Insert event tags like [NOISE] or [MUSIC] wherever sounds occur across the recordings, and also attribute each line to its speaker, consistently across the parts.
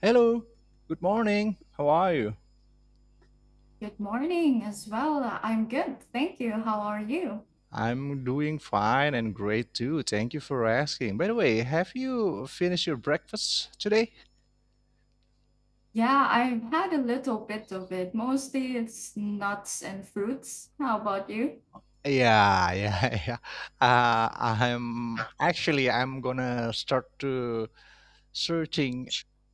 Speaker 1: Hello, good morning. How are you?
Speaker 2: Good morning as well. I'm good. Thank you. How are you?
Speaker 1: I'm doing fine and great too. Thank you for asking. By the way, have you finished your breakfast today?
Speaker 2: Yeah, I've had a little bit of it. Mostly it's nuts and fruits. How about you?
Speaker 1: Yeah, yeah, [LAUGHS] yeah. I'm gonna start to searching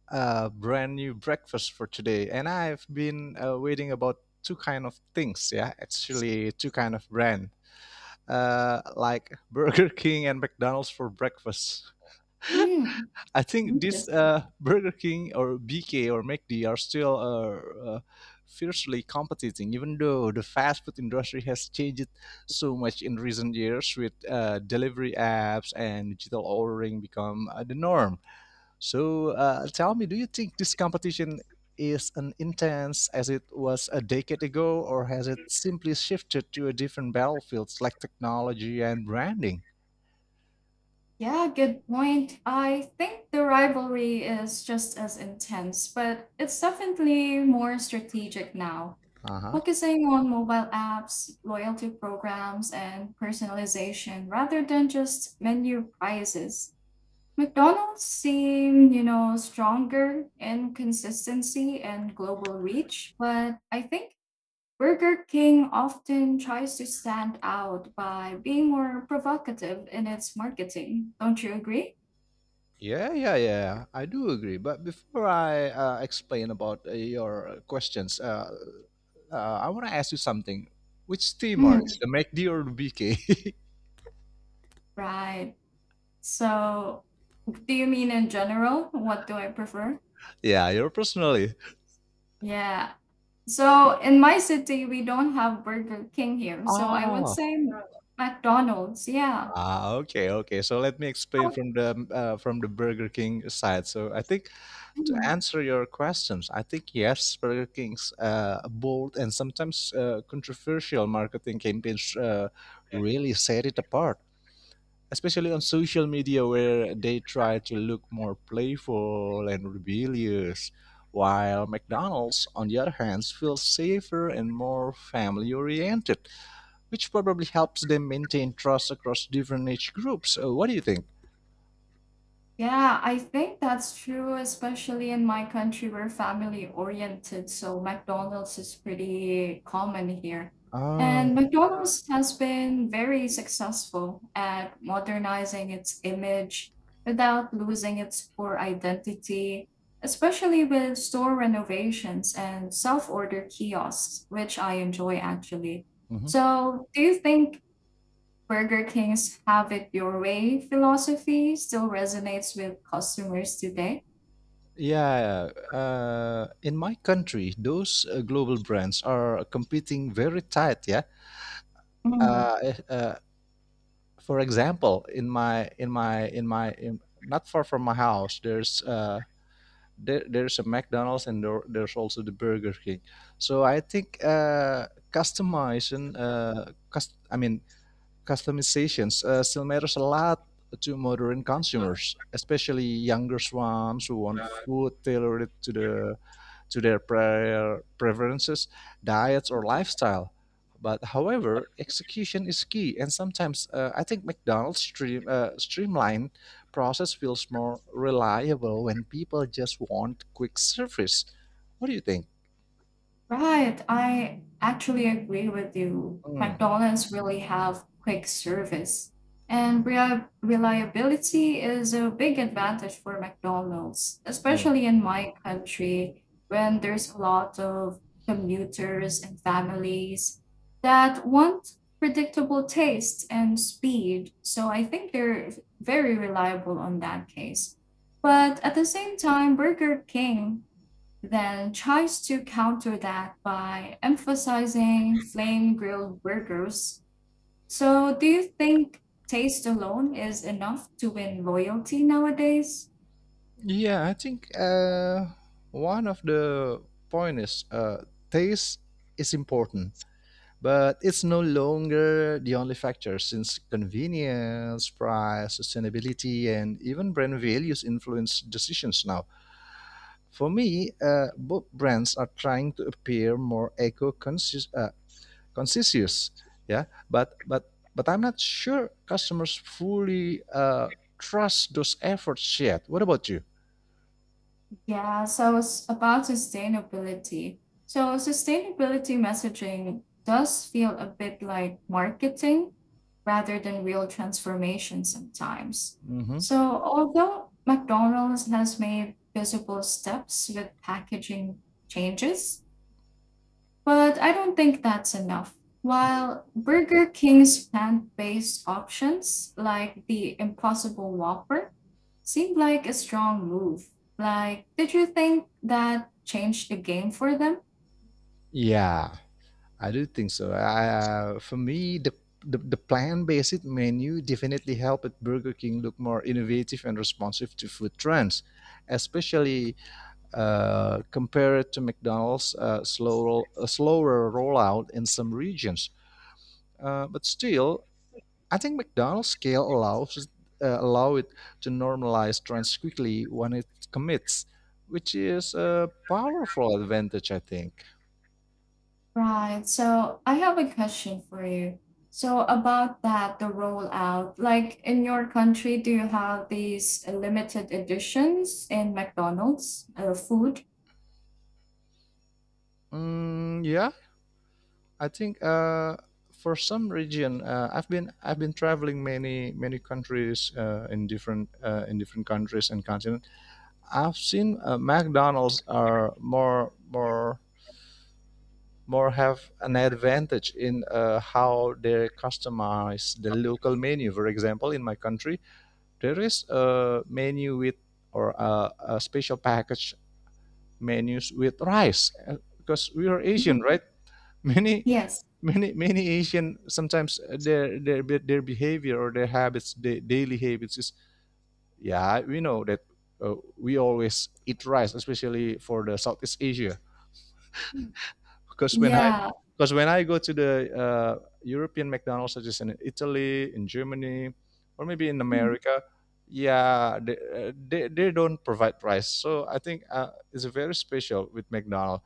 Speaker 1: a brand new breakfast for today, and I've been waiting about two kind of things. Yeah, actually two kind of brand, like Burger [LAUGHS] King and McDonald's for breakfast.
Speaker 2: Hmm.
Speaker 1: I think this
Speaker 2: Interesting.
Speaker 1: Burger King or BK or McD are still fiercely competing, even though the fast food industry has changed so much in recent years with delivery apps and digital ordering become the norm. So tell me, do you think this competition is as intense as it was a decade ago, or has it simply shifted to a different battlefields like technology and branding?
Speaker 2: Yeah, good point. I think the rivalry is just as intense, but it's definitely more strategic now,
Speaker 1: Uh-huh.
Speaker 2: focusing on mobile apps, loyalty programs, and personalization rather than just menu prices. McDonald's seem, stronger in consistency and global reach, but I think Burger King often tries to stand out by being more provocative in its marketing. Don't you agree?
Speaker 1: Yeah, yeah, yeah, I do agree. But before I explain about your questions, I want to ask you something. Which team are
Speaker 2: Mm.
Speaker 1: you? The MACD or the BK?
Speaker 2: Right. So, do you mean in general? What do I prefer?
Speaker 1: [LAUGHS] Yeah, you're personally.
Speaker 2: Yeah. So, in my city, we don't have Burger King here. So, I would
Speaker 1: Ah,
Speaker 2: say McDonald's. Yeah.
Speaker 1: ah, okay, okay. So let me explain from the Burger King side. So I think, to
Speaker 2: How-
Speaker 1: answer your questions, I think yes, Burger King's bold and sometimes controversial marketing campaigns really set it apart, especially on social media where they try to look more playful and rebellious, while McDonald's, on the other hand, feels safer and more family oriented, which probably helps them maintain trust across different age groups. What do you think?
Speaker 2: Yeah, I think that's true, especially in my country. We're family oriented, so McDonald's is pretty common here. And
Speaker 1: Ah,
Speaker 2: McDonald's has been very successful at modernizing its image without losing its core identity, especially with store renovations and self-order kiosks, which I enjoy actually.
Speaker 1: mhm.
Speaker 2: So, do you think Burger King's have it your way philosophy still resonates with customers today?
Speaker 1: Yeah, in my country, those global brands are competing very tight. Yeah,
Speaker 2: Mm.
Speaker 1: uh, eh, uh, for example, in not far from my house, there's a McDonald's and there's also the Burger King. So I think customizations, still matters a lot to modern consumers, especially younger ones who want food tailored to their prior preferences, diets, or lifestyle. But however, execution is key, and sometimes I think McDonald's streamlined process feels more reliable when people just want quick service. What do you think?
Speaker 2: Right. I actually agree with you.
Speaker 1: Mm,
Speaker 2: McDonald's really have quick service, and reliability is a big advantage for McDonald's,
Speaker 1: yeah.
Speaker 2: especially in my country when there's a lot of commuters and families that want predictable taste and speed. So I think they're very reliable on that case. But at the same time, Burger King then tries to counter that by emphasizing flame grilled burgers. So, do you think taste alone is enough to win loyalty nowadays?
Speaker 1: Yeah, I think one of the point is taste is important. But it's no longer the only factor since convenience, price, sustainability, and even brand values influence decisions now. For me, both brands are trying to appear more conscious, yeah. But I'm not sure customers fully trust those efforts yet. What about you?
Speaker 2: Yeah, so it's about sustainability. So, sustainability messaging does feel a bit like marketing rather than real transformation sometimes.
Speaker 1: Mm-hmm.
Speaker 2: So, although McDonald's has made visible steps with packaging changes, but I don't think that's enough. While Burger King's plant based options, like the Impossible Whopper, seemed like a strong move, like, did you think that changed the game for them?
Speaker 1: Yeah, I do think so. For me, the the plant-based menu definitely helped Burger King look more innovative and responsive to food trends, especially compared to McDonald's slower rollout in some regions. But still, I think McDonald's scale allows allow it to normalize trends quickly when it commits, which is a powerful advantage, I think.
Speaker 2: Right, so I have a question for you. So, about that, the rollout, like in your country, do you have these limited editions in McDonald's food?
Speaker 1: Mm, yeah, I think for some region, I've been traveling many many countries in different countries and continent. I've seen McDonald's are more have an advantage in how they customize the local menu. For example, in my country, there is a menu with or a special package menus with rice because we are Asian,
Speaker 2: Mm.
Speaker 1: right? [LAUGHS] Many,
Speaker 2: Yes.
Speaker 1: many, many Asian sometimes their behavior or their habits, their daily habits is yeah, we know that we always eat rice, especially for the Southeast Asia.
Speaker 2: Mm.
Speaker 1: because when I
Speaker 2: Yeah.
Speaker 1: because when I go to the European McDonald's, such as in Italy, in Germany, or maybe in America, yeah, they don't provide rice. So I think it's very special with McDonald's.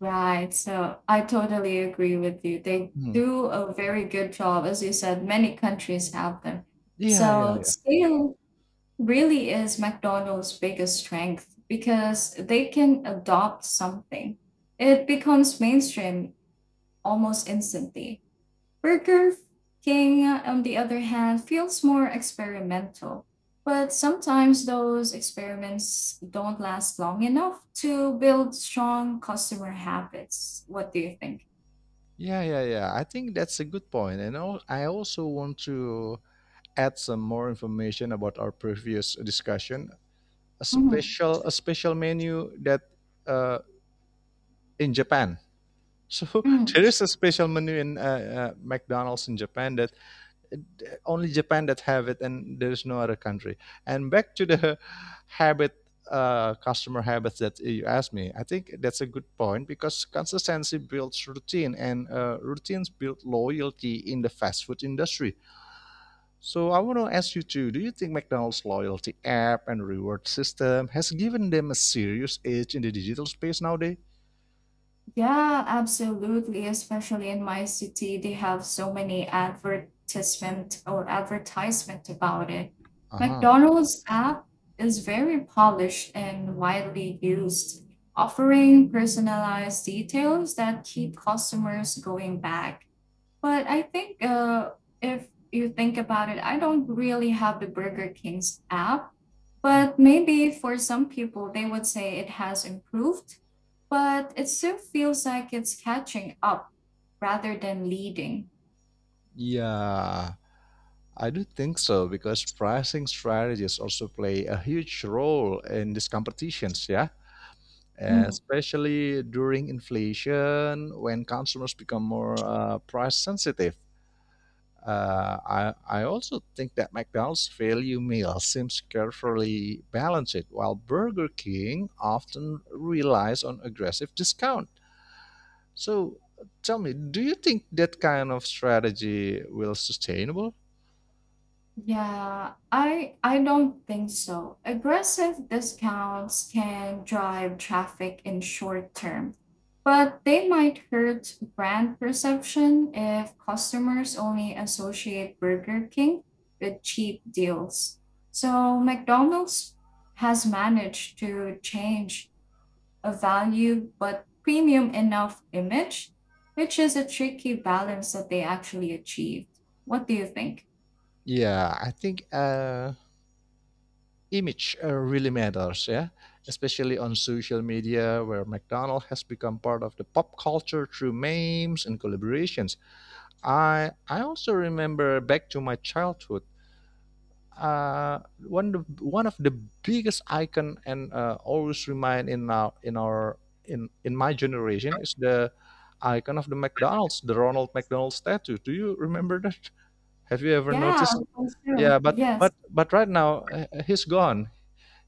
Speaker 2: Right. So I totally agree with you. They
Speaker 1: Mhm.
Speaker 2: do a very good job. As you said, many countries have them.
Speaker 1: Yeah,
Speaker 2: So
Speaker 1: yeah,
Speaker 2: scale really is McDonald's biggest strength because they can adopt something. It becomes mainstream almost instantly. Burger King, on the other hand, feels more experimental. But sometimes those experiments don't last long enough to build strong customer habits. What do you think?
Speaker 1: yeah, yeah, yeah. I think that's a good point. I also want to add some more information about our previous discussion. A
Speaker 2: Mhm.
Speaker 1: special a special menu that uh, in Japan. So [LAUGHS]
Speaker 2: Mm.
Speaker 1: there is a special menu in McDonald's in Japan that only Japan that have it, and there is no other country. And back to the [LAUGHS] habit, customer habits that you asked me. I think that's a good point because consistency builds routine, and routines build loyalty in the fast food industry. So I want to ask you too, do you think McDonald's loyalty app and reward system has given them a serious edge in the digital space nowadays?
Speaker 2: Yeah, absolutely. Especially in my city, they have so many advertisement about it.
Speaker 1: Uh-huh.
Speaker 2: McDonald's app is very polished and widely used, offering personalized details that keep customers going back. But I think if you think about it, I don't really have the Burger King's app, but maybe for some people, they would say it has improved, but it still feels like it's catching up rather than leading.
Speaker 1: Yeah, I do think so because pricing strategies also play a huge role in these competitions, yeah, especially during inflation when consumers become more price sensitive. Uh, I also think that McDonald's value meal seems carefully balanced, while Burger King often relies on aggressive discount. So tell me, do you think that kind of strategy will sustainable?
Speaker 2: Yeah, I don't think so. Aggressive discounts can drive traffic in short term, but they might hurt brand perception if customers only associate Burger King with cheap deals. So McDonald's has managed to change a value but premium enough image, which is a tricky balance that they actually achieved. What do you think?
Speaker 1: Yeah, I think image really matters, yeah, especially on social media where McDonald's has become part of the pop culture through memes and collaborations. I also remember back to my childhood. Uh, one of the biggest icon and always remain in our in our in my generation is the icon of the McDonald's, the Ronald McDonald statue. Do you remember that? Have you ever
Speaker 2: Yeah,
Speaker 1: noticed?
Speaker 2: for sure.
Speaker 1: Yeah, but
Speaker 2: Yes.
Speaker 1: but but right now he's gone.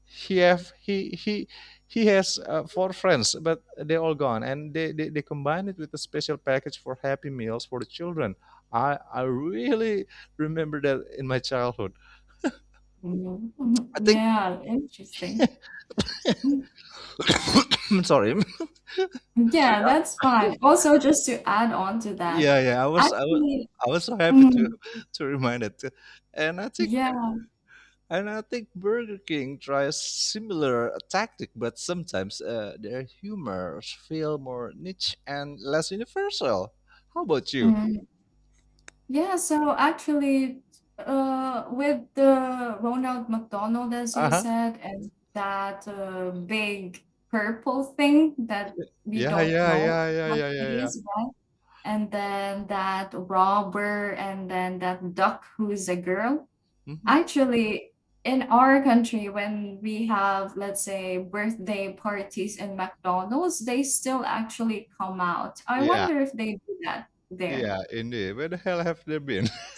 Speaker 1: He have He has four friends, but they all gone, and they combine it with a special package for Happy Meals for the children. I really remember that in my childhood.
Speaker 2: Mhm,
Speaker 1: I
Speaker 2: mhm.
Speaker 1: think
Speaker 2: Yeah, interesting. Mm.
Speaker 1: [COUGHS] I'm sorry.
Speaker 2: Yeah, that's fine. Also, just to add on to that.
Speaker 1: Yeah, yeah.
Speaker 2: Actually.
Speaker 1: I was so happy
Speaker 2: Mm.
Speaker 1: to remind it, and I think
Speaker 2: Yeah.
Speaker 1: And I think Burger King tries similar tactic, but sometimes their humors feel more niche and less universal. How about you?
Speaker 2: Mm. Yeah. So actually, with the Ronald McDonald, as
Speaker 1: Uh
Speaker 2: you
Speaker 1: huh.
Speaker 2: said, and that big purple thing that we
Speaker 1: Yeah,
Speaker 2: don't
Speaker 1: yeah,
Speaker 2: know
Speaker 1: yeah, yeah,
Speaker 2: what
Speaker 1: yeah,
Speaker 2: it
Speaker 1: yeah, yeah.
Speaker 2: is, right? And then that robber, and then that duck who is a girl.
Speaker 1: Mm-hmm.
Speaker 2: Actually, in our country, when we have, let's say, birthday parties in McDonald's, they still actually come out. I
Speaker 1: Yeah,
Speaker 2: wonder if they do that there.
Speaker 1: yeah, indeed. Where the hell have they been? [LAUGHS]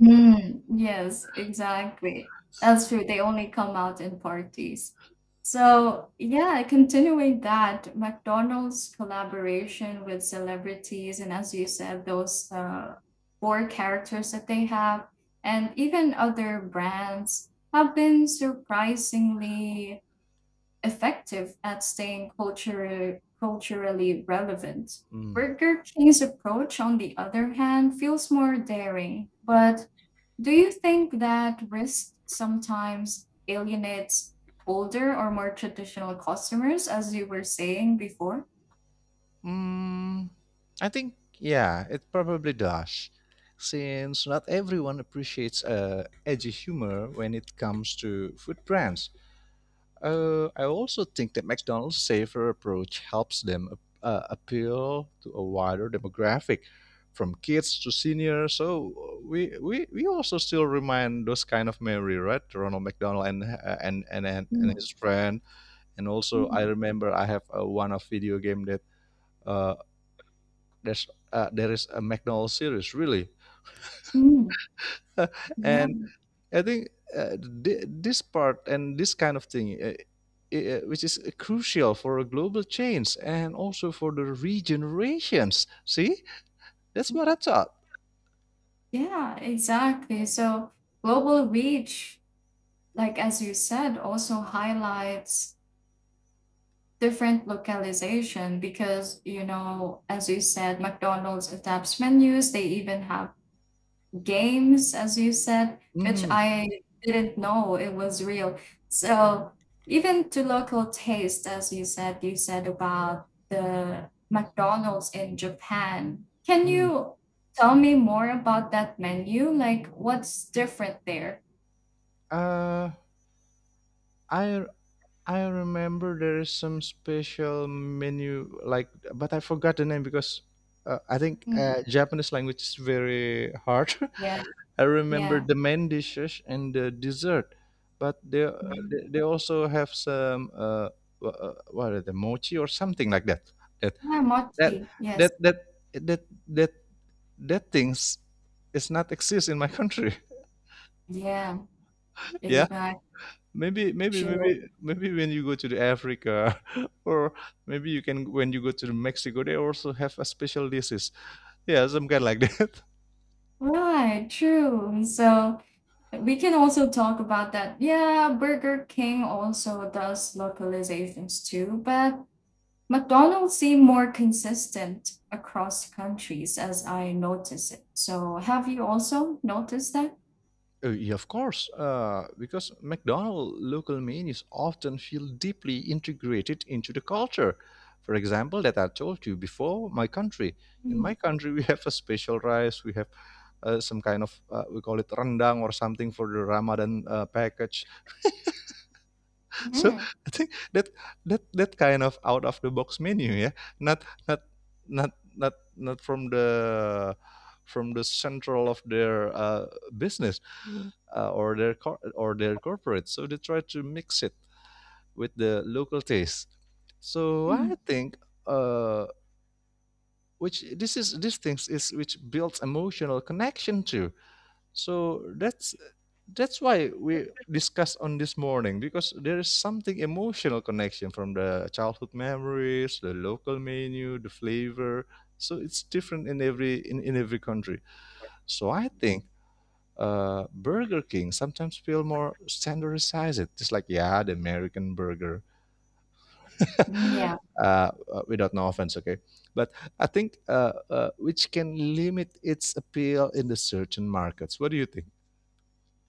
Speaker 2: Mm, yes, exactly. That's true. They only come out in parties. So, yeah, continuing that, McDonald's collaboration with celebrities, and as you said, those four characters that they have, and even other brands have been surprisingly effective at staying culturally relevant.
Speaker 1: Mm.
Speaker 2: Burger King's approach, on the other hand, feels more daring, but do you think that risk sometimes alienates older or more traditional customers, as you were saying before?
Speaker 1: Mm, I think yeah, it probably does, since not everyone appreciates edgy humor when it comes to food brands. I also think that McDonald's safer approach helps them appeal to a wider demographic, from kids to seniors. So we also still remind those kind of memory, right? Ronald McDonald and and
Speaker 2: Mm.
Speaker 1: his friend, and also I
Speaker 2: Mhm.
Speaker 1: remember I have one of video game that uh, there is a McDonald's series really,
Speaker 2: Mm.
Speaker 1: [LAUGHS]
Speaker 2: Yeah,
Speaker 1: and I think uh, this part and this kind of thing, which is crucial for a global change and also for the regenerations. See, that's what I thought.
Speaker 2: yeah, exactly. So global reach, like as you said, also highlights different localization because, as you said, McDonald's adapts menus, they even have games, as you said, which
Speaker 1: Hmm.
Speaker 2: I didn't know it was real. So even to local taste, as you said about the McDonald's in Japan. Can you tell me more about that menu? Like what's different there?
Speaker 1: Uh, I I remember there is some special menu like, but I forgot the name because I think
Speaker 2: Mm,
Speaker 1: Japanese language is very hard.
Speaker 2: yeah,
Speaker 1: [LAUGHS] I remember
Speaker 2: yeah.
Speaker 1: the main dishes and the dessert, but they
Speaker 2: Mm.
Speaker 1: they, they also have some what are the mochi or something like that. That
Speaker 2: Yeah,
Speaker 1: that
Speaker 2: mochi. Yes.
Speaker 1: that that that that, that things is not exist in my country.
Speaker 2: Yeah,
Speaker 1: [LAUGHS] Yeah.
Speaker 2: exactly.
Speaker 1: Maybe, maybe,
Speaker 2: True.
Speaker 1: maybe, maybe when you go to the Africa, [LAUGHS] or maybe you can when you go to the Mexico, they also have a special dishes. Yeah, some kind like that.
Speaker 2: Right, true. So we can
Speaker 1: [LAUGHS]
Speaker 2: also talk about that. Yeah, Burger King also does localizations too, but McDonald's seem more consistent across countries as I notice it. So have you also noticed that?
Speaker 1: Yeah, of course, because McDonald's local menus often feel deeply integrated into the culture. For example, that I told you before, my country. In
Speaker 2: Mm-hmm.
Speaker 1: my country, [LAUGHS] we have a special rice. We have some kind of we call it rendang or something for the Ramadan package. [LAUGHS] So I think that that that kind of out of the box menu, yeah, not not not from the from the central of their business or their corporate. So they try to mix it with the local taste. So
Speaker 2: Mm.
Speaker 1: I think uh, which this is these things is which builds emotional connection too. So that's why we discussed on this morning because there is something emotional connection from the childhood memories, the local menu, the flavor. So it's different in in every country. So I think Burger King sometimes feel more standardized. It's like yeah, the American burger,
Speaker 2: Yeah.
Speaker 1: [LAUGHS] uh, without no offense, okay? But I think which can limit its appeal in the certain markets. What do you think?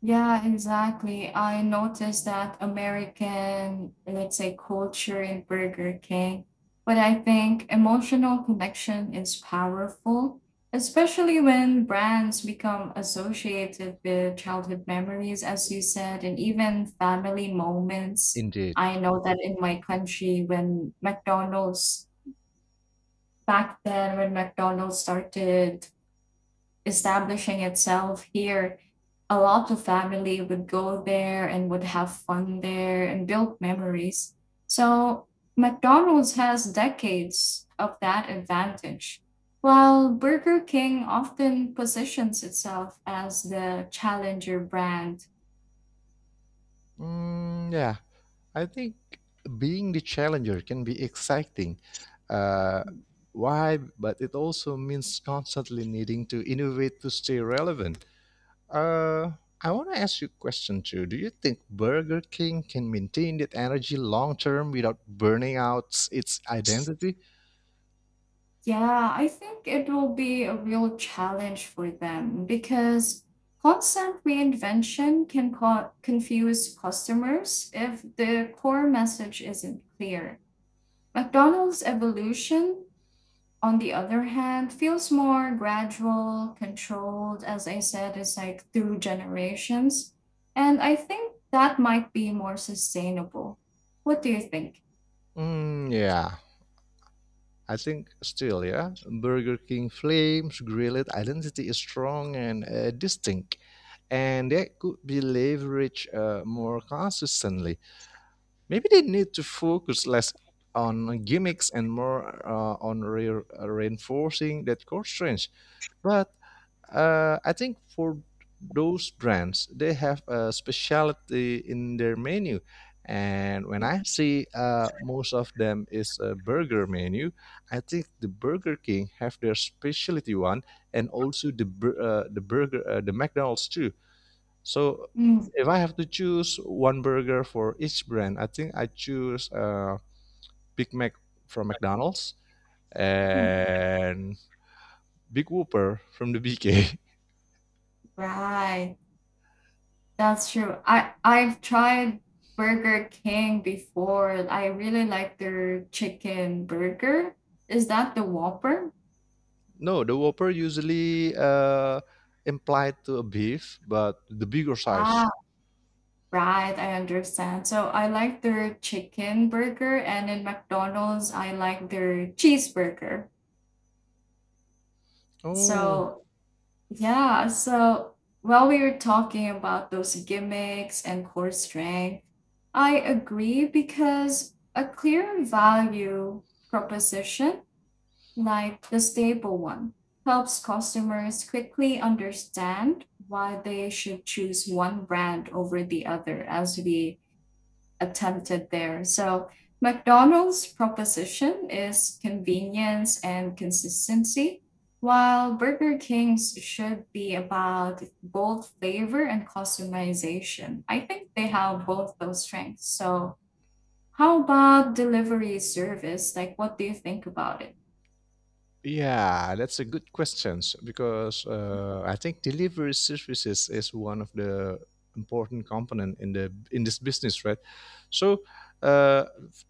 Speaker 2: Yeah, exactly. I noticed that American, let's say, culture in Burger King. But I think emotional connection is powerful, especially when brands become associated with childhood memories, as you said, and even family moments.
Speaker 1: Indeed.
Speaker 2: I know that in my country, when McDonald's, back then, when McDonald's started establishing itself here, a lot of family would go there and would have fun there and build memories. So McDonald's has decades of that advantage, while Burger King often positions itself as the challenger brand.
Speaker 1: Mm, yeah, I think being the challenger can be exciting. Uh, why? But it also means constantly needing to innovate to stay relevant. Uh, I want to ask you a question too. Do you think Burger King can maintain that energy long term without burning out its identity?
Speaker 2: Yeah, I think it will be a real challenge for them because constant reinvention can confuse customers if the core message isn't clear. McDonald's evolution, on the other hand, feels more gradual, controlled, as I said, it's like through generations. And I think that might be more sustainable. What do you think?
Speaker 1: Mm, yeah, I think still, yeah, Burger King Flame's grilled identity is strong and distinct, and that could be leveraged more consistently. Maybe they need to focus less on gimmicks and more reinforcing that core strength. But I think for those brands, they have a specialty in their menu. And when I see most of them is a burger menu, I think the Burger King have their specialty one, and also the the burger the McDonald's too. So
Speaker 2: Mm.
Speaker 1: if I have to choose one burger for each brand, I think I choose Big Mac from McDonald's
Speaker 2: Mm.
Speaker 1: and Big Whopper from the BK. [LAUGHS]
Speaker 2: Right. That's true. I've tried Burger King before. I really like their chicken burger. Is that the Whopper?
Speaker 1: No, the Whopper usually implied to a beef, but the bigger size.
Speaker 2: Ah, right, I understand. So I like their chicken burger and in McDonald's I like their cheeseburger.
Speaker 1: Oh.
Speaker 2: So yeah, so while we were talking about those gimmicks and core strength, I agree because a clear value proposition, like the stable one, helps customers quickly understand why they should choose one brand over the other, as we attempted there. So, McDonald's proposition is convenience and consistency, while Burger King's should be about bold flavor and customization. I think they have both those strengths. So, how about delivery service? Like, what do you think about it?
Speaker 1: Yeah, that's a good question because I think delivery services is one of the important component in the in this business, right? So, uh,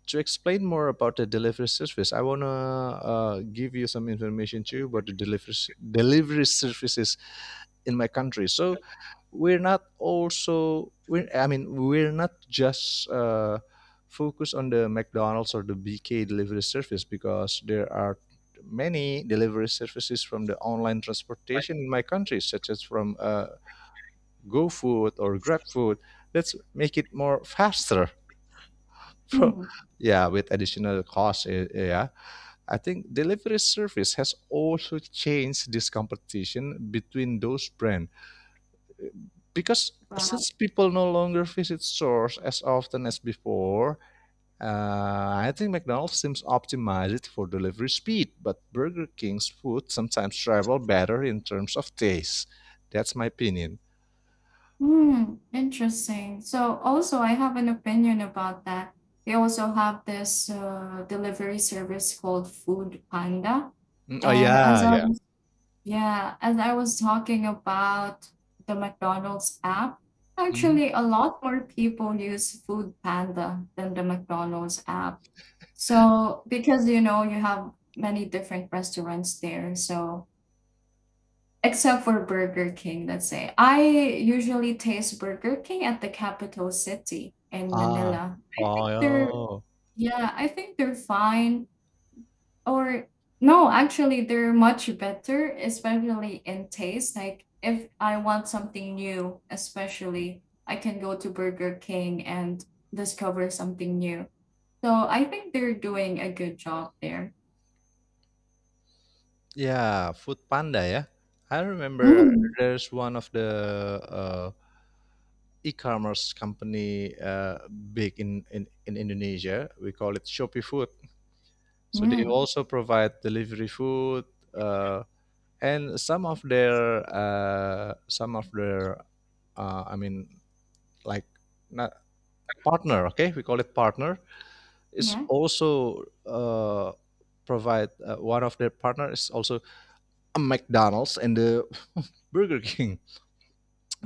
Speaker 1: to explain more about the delivery service, I wanna give you some information too about the delivery services in my country. So, we're not also we're I mean we're not just focused on the mcdonald's or the bk delivery service because there are many delivery services from the online transportation in my country such as from gofood or grabfood, let's make it more faster. [LAUGHS] Pro-
Speaker 2: Hmm.
Speaker 1: yeah, with additional cost, yeah, I think delivery service has also changed this competition between those brands because
Speaker 2: Right.
Speaker 1: since people no longer visit stores as often as before, I think McDonald's seems optimized for delivery speed, but Burger King's food sometimes travel better in terms of taste. That's my opinion.
Speaker 2: Hmm, interesting. So also I have an opinion about that. They also have this delivery service called Food Panda.
Speaker 1: Mm, oh
Speaker 2: And as
Speaker 1: yeah,
Speaker 2: I
Speaker 1: yeah.
Speaker 2: was, yeah, as I was talking about the McDonald's app,
Speaker 1: Mhm.
Speaker 2: actually a lot more people use Food Panda than the McDonald's app. So because you know you have many different restaurants there, so except for Burger King, let's say. I usually taste Burger King at the capital city in
Speaker 1: Ah,
Speaker 2: Manila. I
Speaker 1: oh
Speaker 2: think they're
Speaker 1: yeah.
Speaker 2: Yeah, I think they're fine, or no, actually they're much better, especially in taste. Like if I want something new, especially I can go to Burger King and discover something new. So I think they're doing a good job there.
Speaker 1: Yeah, Food Panda, yeah. I remember
Speaker 2: Mm.
Speaker 1: there's one of the e-commerce company big in Indonesia. We call it Shopee Food. So they
Speaker 2: Mm.
Speaker 1: also provide delivery food, uh, and some of their I mean like not partner. Okay, we call it partner. Is
Speaker 2: Yeah.
Speaker 1: also provide one of their partner is also a McDonald's and the [LAUGHS] Burger King.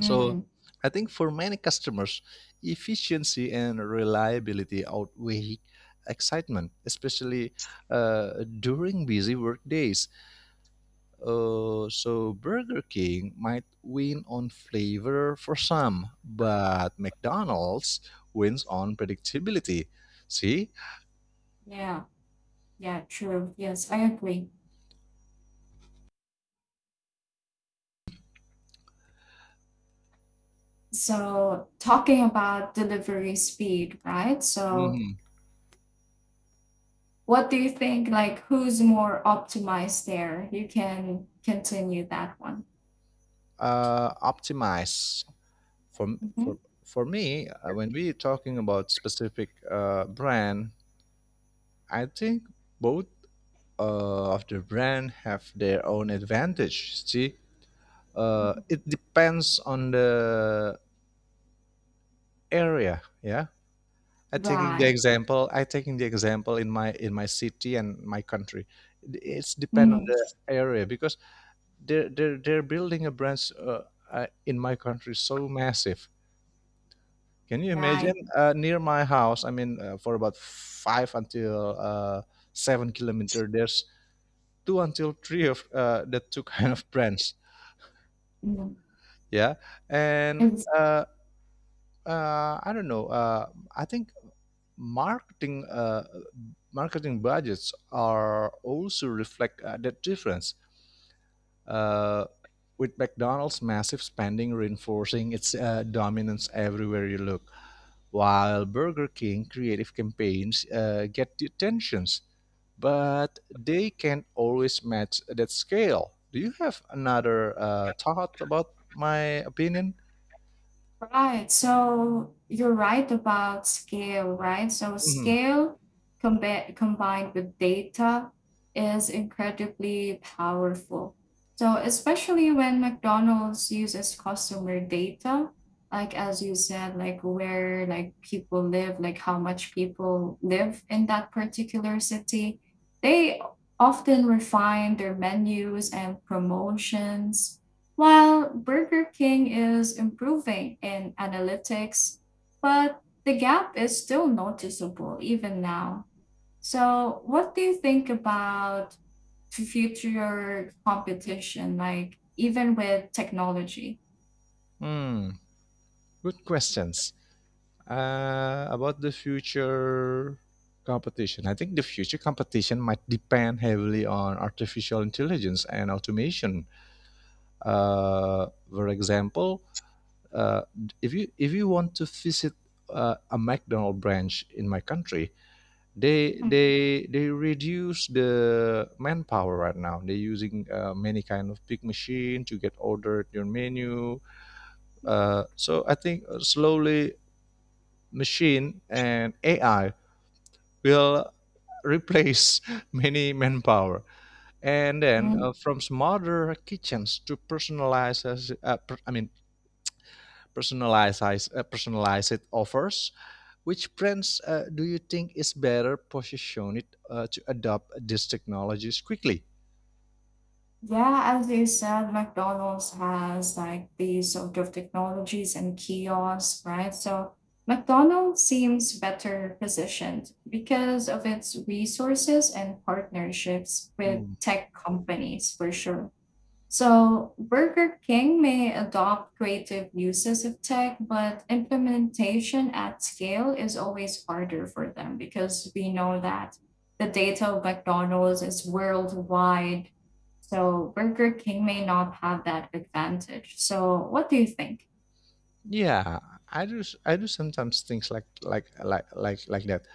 Speaker 1: So I think for many customers, efficiency and reliability outweigh excitement, especially during busy work days. So Burger King might win on flavor for some, but McDonald's wins on predictability. See.
Speaker 2: Yeah. Yeah, true. Yes, I agree. So talking about delivery speed, right? So
Speaker 1: Mhm.
Speaker 2: what do you think, like who's more optimized there? You can continue that one.
Speaker 1: Optimize for
Speaker 2: Mhm.
Speaker 1: for for me, when we're talking about specific brand, I think both of the brand have their own advantage. See,
Speaker 2: Mhm.
Speaker 1: it depends on the area. Yeah, I taking the
Speaker 2: Right.
Speaker 1: example. I taking the example in my city and my country. It's depend on
Speaker 2: Mm,
Speaker 1: the area because they're building a branch in my country so massive. Can you imagine?
Speaker 2: right.
Speaker 1: Near my house, I mean, for about five until 7 kilometers, there's two until three of the two [LAUGHS] kind of brands.
Speaker 2: Mhm.
Speaker 1: Yeah, and
Speaker 2: It's.
Speaker 1: I don't know. I think marketing marketing budgets are also reflect that difference. Uh, with McDonald's massive spending reinforcing its dominance everywhere you look, while Burger King creative campaigns get the attentions, but they can't always match that scale. Do you have another thought about my opinion?
Speaker 2: Right. So you're right about scale, right? So
Speaker 1: Mhm.
Speaker 2: scale combined with data is incredibly powerful. So especially when McDonald's uses customer data, like as you said, like where like people live, like how much people live in that particular city, they often refine their menus and promotions while Burger King is improving in analytics, but the gap is still noticeable even now. So, what do you think about future competition, like even with technology?
Speaker 1: Hmm. Good questions. About the future competition, I think the future competition might depend heavily on artificial intelligence and automation. For example, uh, if you want to visit a McDonald branch in my country, they reduce the manpower right now. They're using many kind of big machine to get ordered your menu. So I think slowly machine and AI will replace many manpower. And then
Speaker 2: Mhm.
Speaker 1: from smarter kitchens to personalized, per- I mean, personalized, personalized offers, which brands do you think is better positioned to adopt these technologies quickly?
Speaker 2: Yeah, as you said, McDonald's has like these sort of technologies and kiosks, right? So McDonald's seems better positioned because of its resources and partnerships with
Speaker 1: Mm.
Speaker 2: tech companies for sure. So, Burger King may adopt creative uses of tech, but implementation at scale is always harder for them because we know that the data of McDonald's is worldwide. So, Burger King may not have that advantage. So, what do you think?
Speaker 1: Yeah, I do. I do sometimes things like that.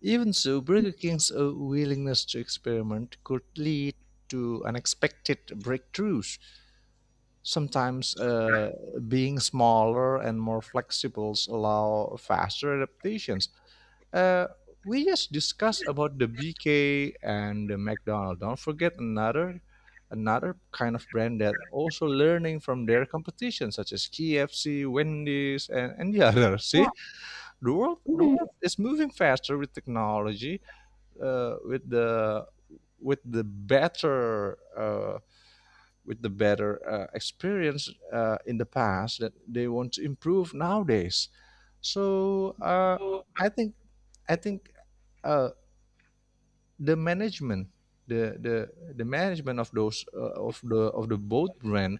Speaker 1: Even so, Burger King's willingness to experiment could lead to unexpected breakthroughs. Sometimes, being smaller and more flexible allow faster adaptations. Uh, we just discussed about the BK and the McDonald's. Don't forget another kind of brand that also learning from their competition, such as KFC, Wendy's, and the [LAUGHS] others.
Speaker 2: Yeah.
Speaker 1: See, the world the
Speaker 2: Mhm.
Speaker 1: world is moving faster with technology uh, with the with the better uh, with the better experience in the past that they want to improve nowadays. So I think I think uh, the management, the, the the management of those of the boat brand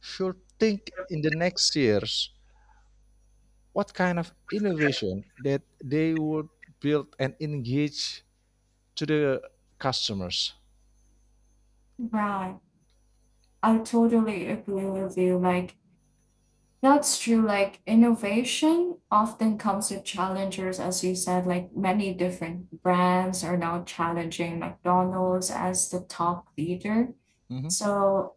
Speaker 1: should think in the next years what kind of innovation that they would build and engage to the customers.
Speaker 2: Right. I totally agree with you. Like, that's true. Like innovation often comes with challengers, as you said, like many different brands are now challenging McDonald's as the top leader.
Speaker 1: Hmm.
Speaker 2: So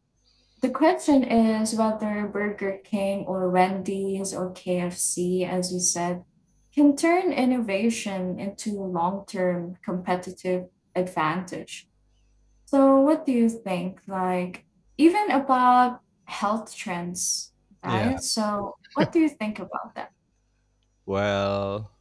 Speaker 2: the question is whether Burger King or Wendy's or KFC, as you said, can turn innovation into long term competitive advantage. So, what do you think? Like, even about health trends,
Speaker 1: Yeah.
Speaker 2: right? So, what do you think about that?
Speaker 1: Well,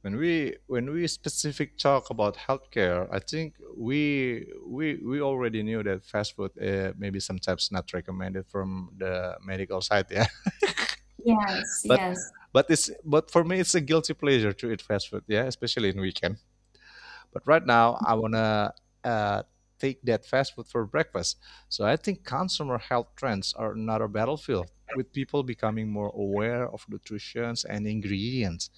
Speaker 1: when we specific talk about healthcare, I think we already knew that fast food maybe sometimes not recommended from the medical side. Yeah.
Speaker 2: Yes,
Speaker 1: but
Speaker 2: yes.
Speaker 1: but it's, but for me it's a guilty pleasure to eat fast food, yeah, especially in weekend. But right now I want to uh, take that fast food for breakfast. So I think consumer health trends are another battlefield, with people becoming more aware of nutrition and ingredients.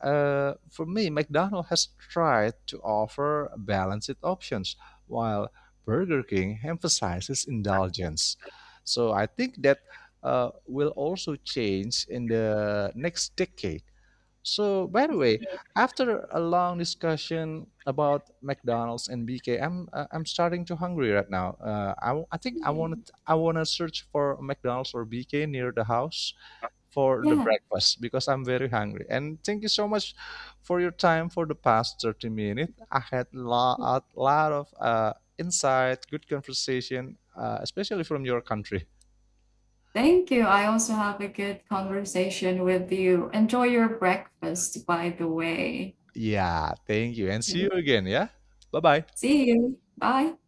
Speaker 1: Uh, for me, McDonald's has tried to offer balanced options, while Burger King emphasizes indulgence. So I think that will also change in the next decade. So, by the way,
Speaker 2: I
Speaker 1: after a long discussion about McDonald's and BK, I'm starting to hungry right now.
Speaker 2: agree.
Speaker 1: I want to search for McDonald's or BK near the house for the
Speaker 2: Yeah.
Speaker 1: breakfast because I'm very hungry. And thank you so much for your time for the past 30 minutes. I had a lot of insight, good conversation, especially from your country.
Speaker 2: Thank you. I also have a good conversation with you. Enjoy your breakfast, by the way.
Speaker 1: Yeah, thank you. And see you again. Yeah. Bye bye.
Speaker 2: See you. Bye.